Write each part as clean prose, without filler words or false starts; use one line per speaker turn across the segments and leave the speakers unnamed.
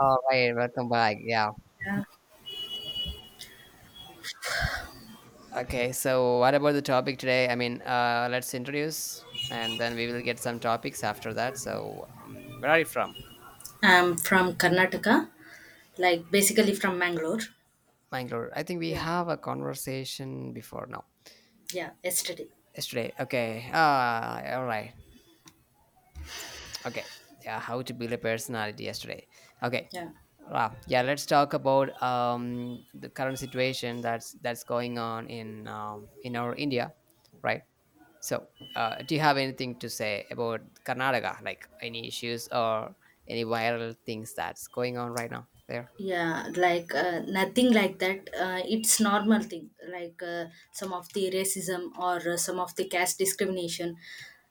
All right, welcome back. Yeah.
Yeah.
Okay, so what about the topic today? Let's introduce and then we will get some topics after that. Where are you from?
I'm from Karnataka, like basically from Mangalore.
Bangalore. I think we
Yeah,
have a conversation before now.
yeah, yesterday.
Yesterday. Okay. All right. Okay. Yeah, how to build a personality yesterday. Okay.
Yeah,
Wow. Yeah, let's talk about the current situation that's going on in in our India, right? So, do you have anything to say about Karnataka? Like any issues or any viral things that's going on right now there?
yeah, like nothing like that. It's normal thing, like some of the racism or some of the caste discrimination.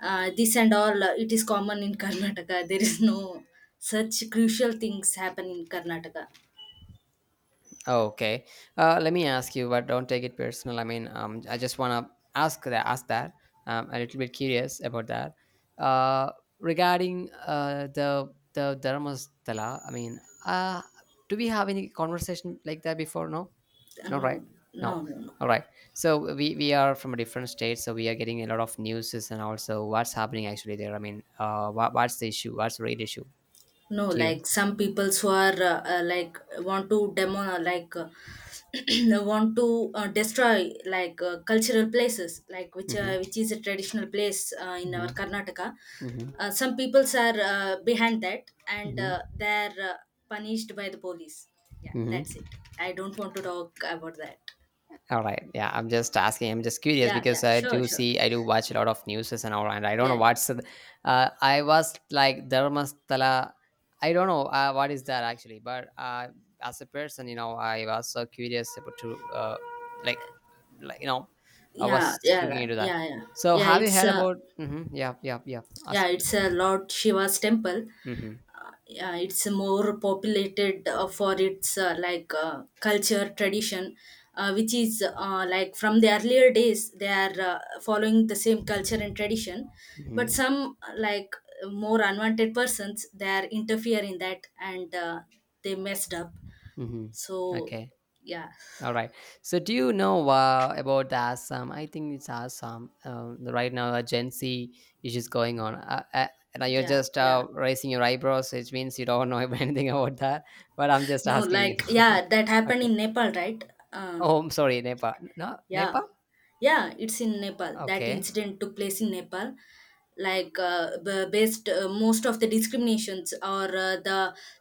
This and all, it is common in Karnataka. There is no such crucial things happen in Karnataka.
Oh, okay. Let me ask you, but don't take it personal. I just wanna Ask that. A little bit curious about that. Uh, regarding the Dharmastala. Uh, do we have any conversation like that before? No. All right.
No,
No.
no, no, no.
All right. So we are from a different state, so we are getting a lot of news and also what's happening actually there. I mean, what's the issue? What's the real issue?
No,
Do you know?
like some peoples who are like want to demo like want to destroy like cultural places like
Mm-hmm.
which is a traditional place in
Mm-hmm.
our Karnataka.
Mm-hmm.
Some peoples are behind that and
Mm-hmm.
they're punished by the police. Yeah,
Mm-hmm.
that's it. I don't want to talk about that.
All right. Yeah, I'm just asking. I'm just curious
Yeah,
because
yeah,
I
sure,
do
sure.
see, I do watch a lot of news and all, and I don't know
Yeah,
what's. I was like Dharmastala. I don't know what is that actually, but as a person, I was so curious about to like, like you know, I
yeah,
was
yeah,
looking
yeah,
into that.
yeah, yeah.
So,
Yeah,
have you
it's
heard
a
about? Mm-hmm, yeah, yeah, yeah.
yeah,
Ask me.
it's a Lord Shiva's temple.
Mm-hmm,
Yeah, it's more populated for its culture tradition which is like from the earlier days they are following the same culture and tradition, but
mm-hmm,
some like more unwanted persons they are interfere in that, and they messed up,
mm-hmm.
so
Okay.
yeah,
All right. So, do you know about the Assam? I think it's Assam. Right now, a Gen Z issues going on. Now you're
yeah,
just
yeah.
raising your eyebrows, which means you don't know anything about that. But I'm just
No,
asking.
like,
You
yeah, that happened
okay.
in Nepal, right? uh,
Oh, I'm sorry, Nepal. No,
yeah.
Nepal.
Yeah, it's in Nepal. That
Okay.
incident took place in Nepal. Like b- based most of the discriminations or the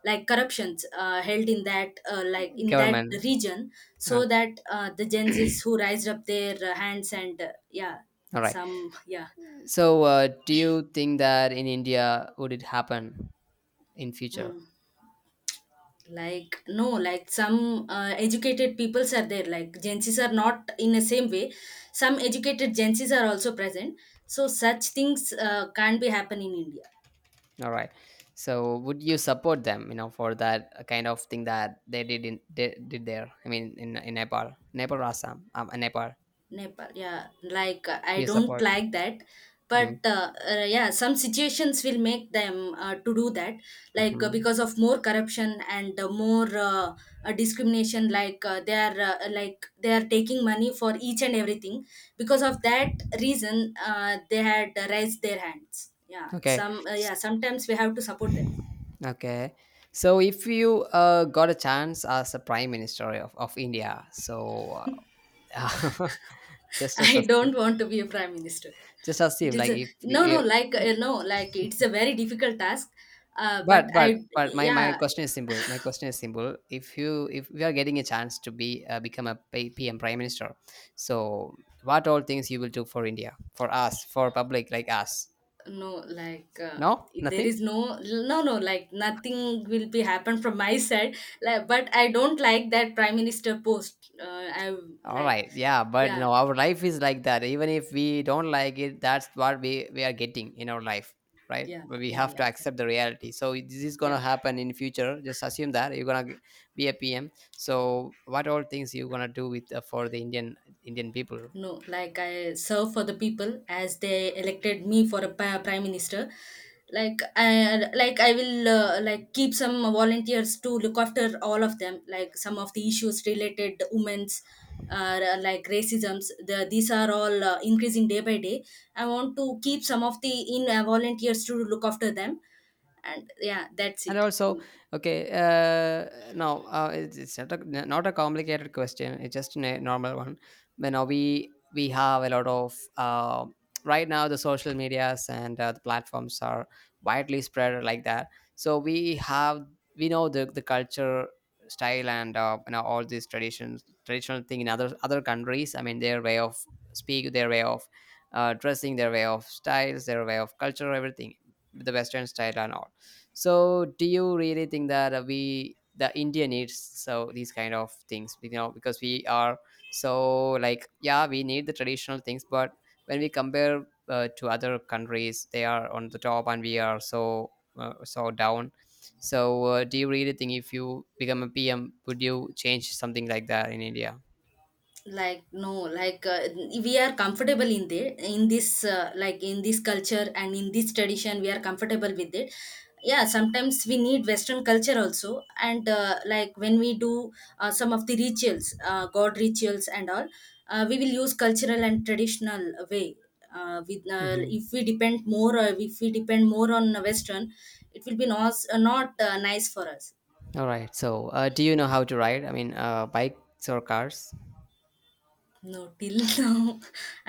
like corruptions held in that like in that
Government.
region,
Uh,
so that the Gen Zs who raised up their hands and yeah,
all right.
some yeah.
So, do you think that in India would it happen in future?
Mm. Like no, like some educated peoples are there. Like Gen Zs are not in the same way. Some educated Gen Zs are also present. So such things can't be happen in India.
All right. So would you support them, you know, for that kind of thing that they did there? I mean, in Nepal, Nepal, or Assam, in Nepal.
Nepal. Yeah, like I
You
don't
support.
like that,
Mm-hmm.
but yeah, some situations will make them to do that, like
Mm-hmm.
because of more corruption and more discrimination. Like they are like they are taking money for each and everything. Because of that reason, they had raised their hands. Yeah,
Okay.
some yeah.
S-
Sometimes we have to support them.
Okay. So if you got a chance as a prime minister of India, so uh, just as
I
a
don't want to be a prime minister.
just
It
assume
is
like
a
if
no, no, like
you-
no, like it's a very difficult task. Uh, but
but but
I,
but my my
yeah,
question is simple. My question is simple. If you if we are getting a chance to be become a P- pm prime minister, so what all things you will do for India, for us, for public like us?
no, like
No,
there
nothing?
is like nothing will be happen from my side. Like, but I don't like that prime minister post.
All
Like,
right. Yeah, but you
yeah,
know our life is like that. Even if we don't like it, that's what we are getting in our life, right?
yeah,
But we
yeah,
have to
yeah, yeah,
accept the reality. So this is
yeah.
gonna happen in future. Just assume that you're gonna be a PM, so what all things you gonna do with for the Indian people?
No, like I serve for the people as they elected me for a prime minister. Like I will like keep some volunteers to look after all of them. Like some of the issues related to women's, like racisms. These are all increasing day by day. I want to keep some of the in volunteers to look after them, and yeah, that's
And
it.
also, okay, now it's not a, not a complicated question. It's just a normal one. But now we have a lot of right now the social medias and the platforms are widely spread like that. So we have we know the culture style and all these traditions traditional thing in other countries. I mean their way of speak, their way of dressing, their way of styles, their way of culture, everything, the Western style and all. So, do you really think that the India needs so these kind of things, you know, because we are so like, yeah, we need the traditional things, but when we compare to other countries, they are on the top and we are so so down. So, do you really think if you become a PM, would you change something like that in India?
Like no, like we are comfortable in there in this culture and in this tradition, we are comfortable with it. Yeah, sometimes we need western culture also, and like when we do some of the rituals, god rituals and all, we will use cultural and traditional way. With
Mm-hmm.
if we depend more on western, it will be not not nice for us.
All right. So, do you know how to ride? I mean, bikes or cars?
No, till now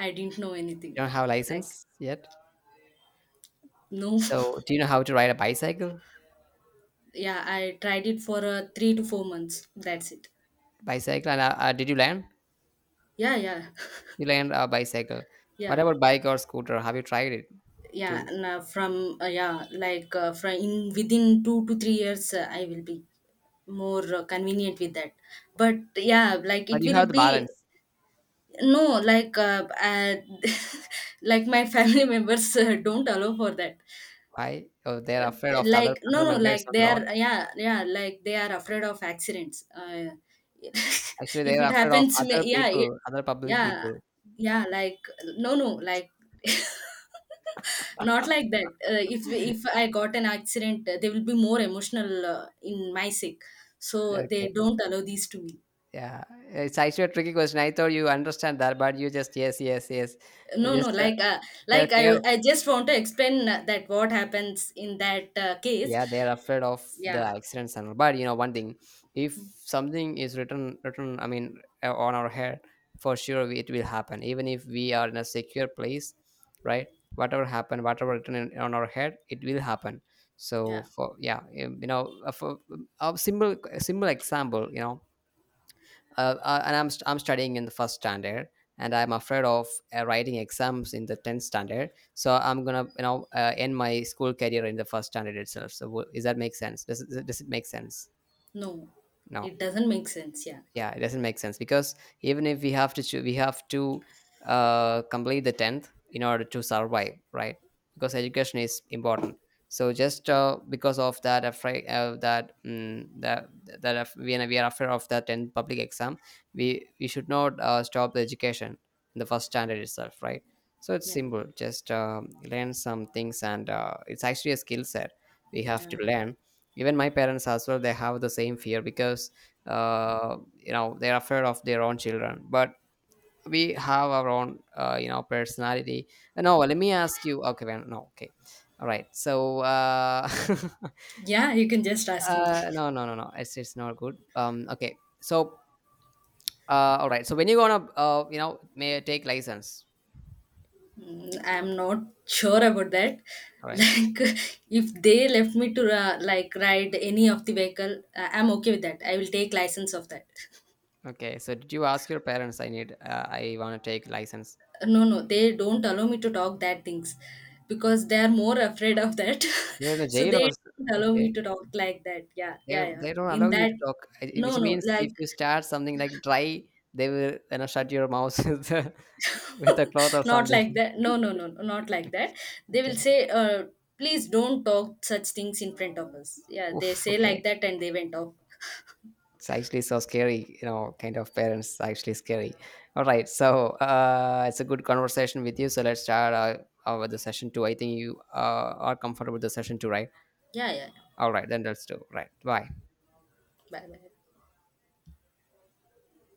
I didn't know anything,
You don't have
like
license yet.
no.
So, do you know how to ride a bicycle?
Yeah, I tried it for 3 to 4 months. That's it.
Bicycle, and did you land?
Yeah, yeah,
You land a bicycle. What
yeah,
about bike or scooter? Have you tried it
yeah.
too?
And, from yeah, like from in within 2 to 3 years, I will be more convenient with that. But yeah, like
But
it
you
will
have the
be
balance.
no, like like my family members don't allow for that.
Why? Oh, they're afraid of the other
Like no,
other
no,
members
like
on the
they
road.
are, yeah, yeah, like they are afraid of accidents.
Actually,
If
they're
it
afraid of
happens,
other
yeah,
people, other public
yeah,
people.
yeah, like no, no, like not like that. If I got an accident, they will be more emotional in my sick, so
Okay.
they don't allow these to me.
Yeah. It's actually a tricky question. I thought you understand that, but you just yes, yes, yes. I
No,
just
no, like
they're
like i
care.
i just want to explain that what happens in that case.
Yeah, they are afraid of the
Yeah,
accidents and all. But you know one thing, if something is written, I mean, on our head, for sure it will happen even if we are in a secure place, right? Whatever happened, whatever written in, on our head, it will happen. So
yeah,
for yeah, for a simple example, you know, and I'm, I'm studying in the first standard and I'm afraid of writing exams in the 10th standard, so I'm gonna, you know, end my school career in the first standard itself. So is that make sense? Does it make sense?
no,
No.
it doesn't make sense, yeah.
Yeah, it doesn't make sense because even if we have to we have to complete the 10th in order to survive, right? Because education is important. So just because of that afraid that mm that that af- we are afraid of that 10th public exam. we we should not stop the education in the first standard itself, right? So it's
Yeah,
simple. Just learn some things and it's actually a skill set we have to
yeah,
learn. Even my parents as well, they have the same fear, because uh, you know, they're afraid of their own children, but we have our own personality. No, let me ask you. Okay, well, no, okay, all right so
yeah, you can just ask me.
no no no no, it's it's not good, okay, so all right, so when you gonna you know may take license?
Mm, I'm not sure about that.
All right.
Like, if they left me to like ride any of the vehicle, I'm okay with that. I will take license of that.
Okay, so did you ask your parents I need I want to take license?
No, no, they don't allow me to talk that things because they are more afraid of that.
You're in a
So
jail or
they don't allow
okay
me to talk like that. Yeah, yeah, yeah.
they don't
In
allow you
that,
to talk. Which
no, no,
means
like
if you start something like dry, they will you know shut your mouth with a cloth or
not
something.
like that. No, no, no, no, not like that. They will
Okay.
say, please don't talk such things in front of us. Yeah, they
Oof.
say like
Okay.
that and they went off.
It's actually so scary, you know, kind of parents are actually scary. All right. So it's a good conversation with you. So let's start with the session two. I think you are comfortable with the session two, right?
Yeah, yeah, yeah.
All right. Then let's do. Right. Bye.
Bye bye.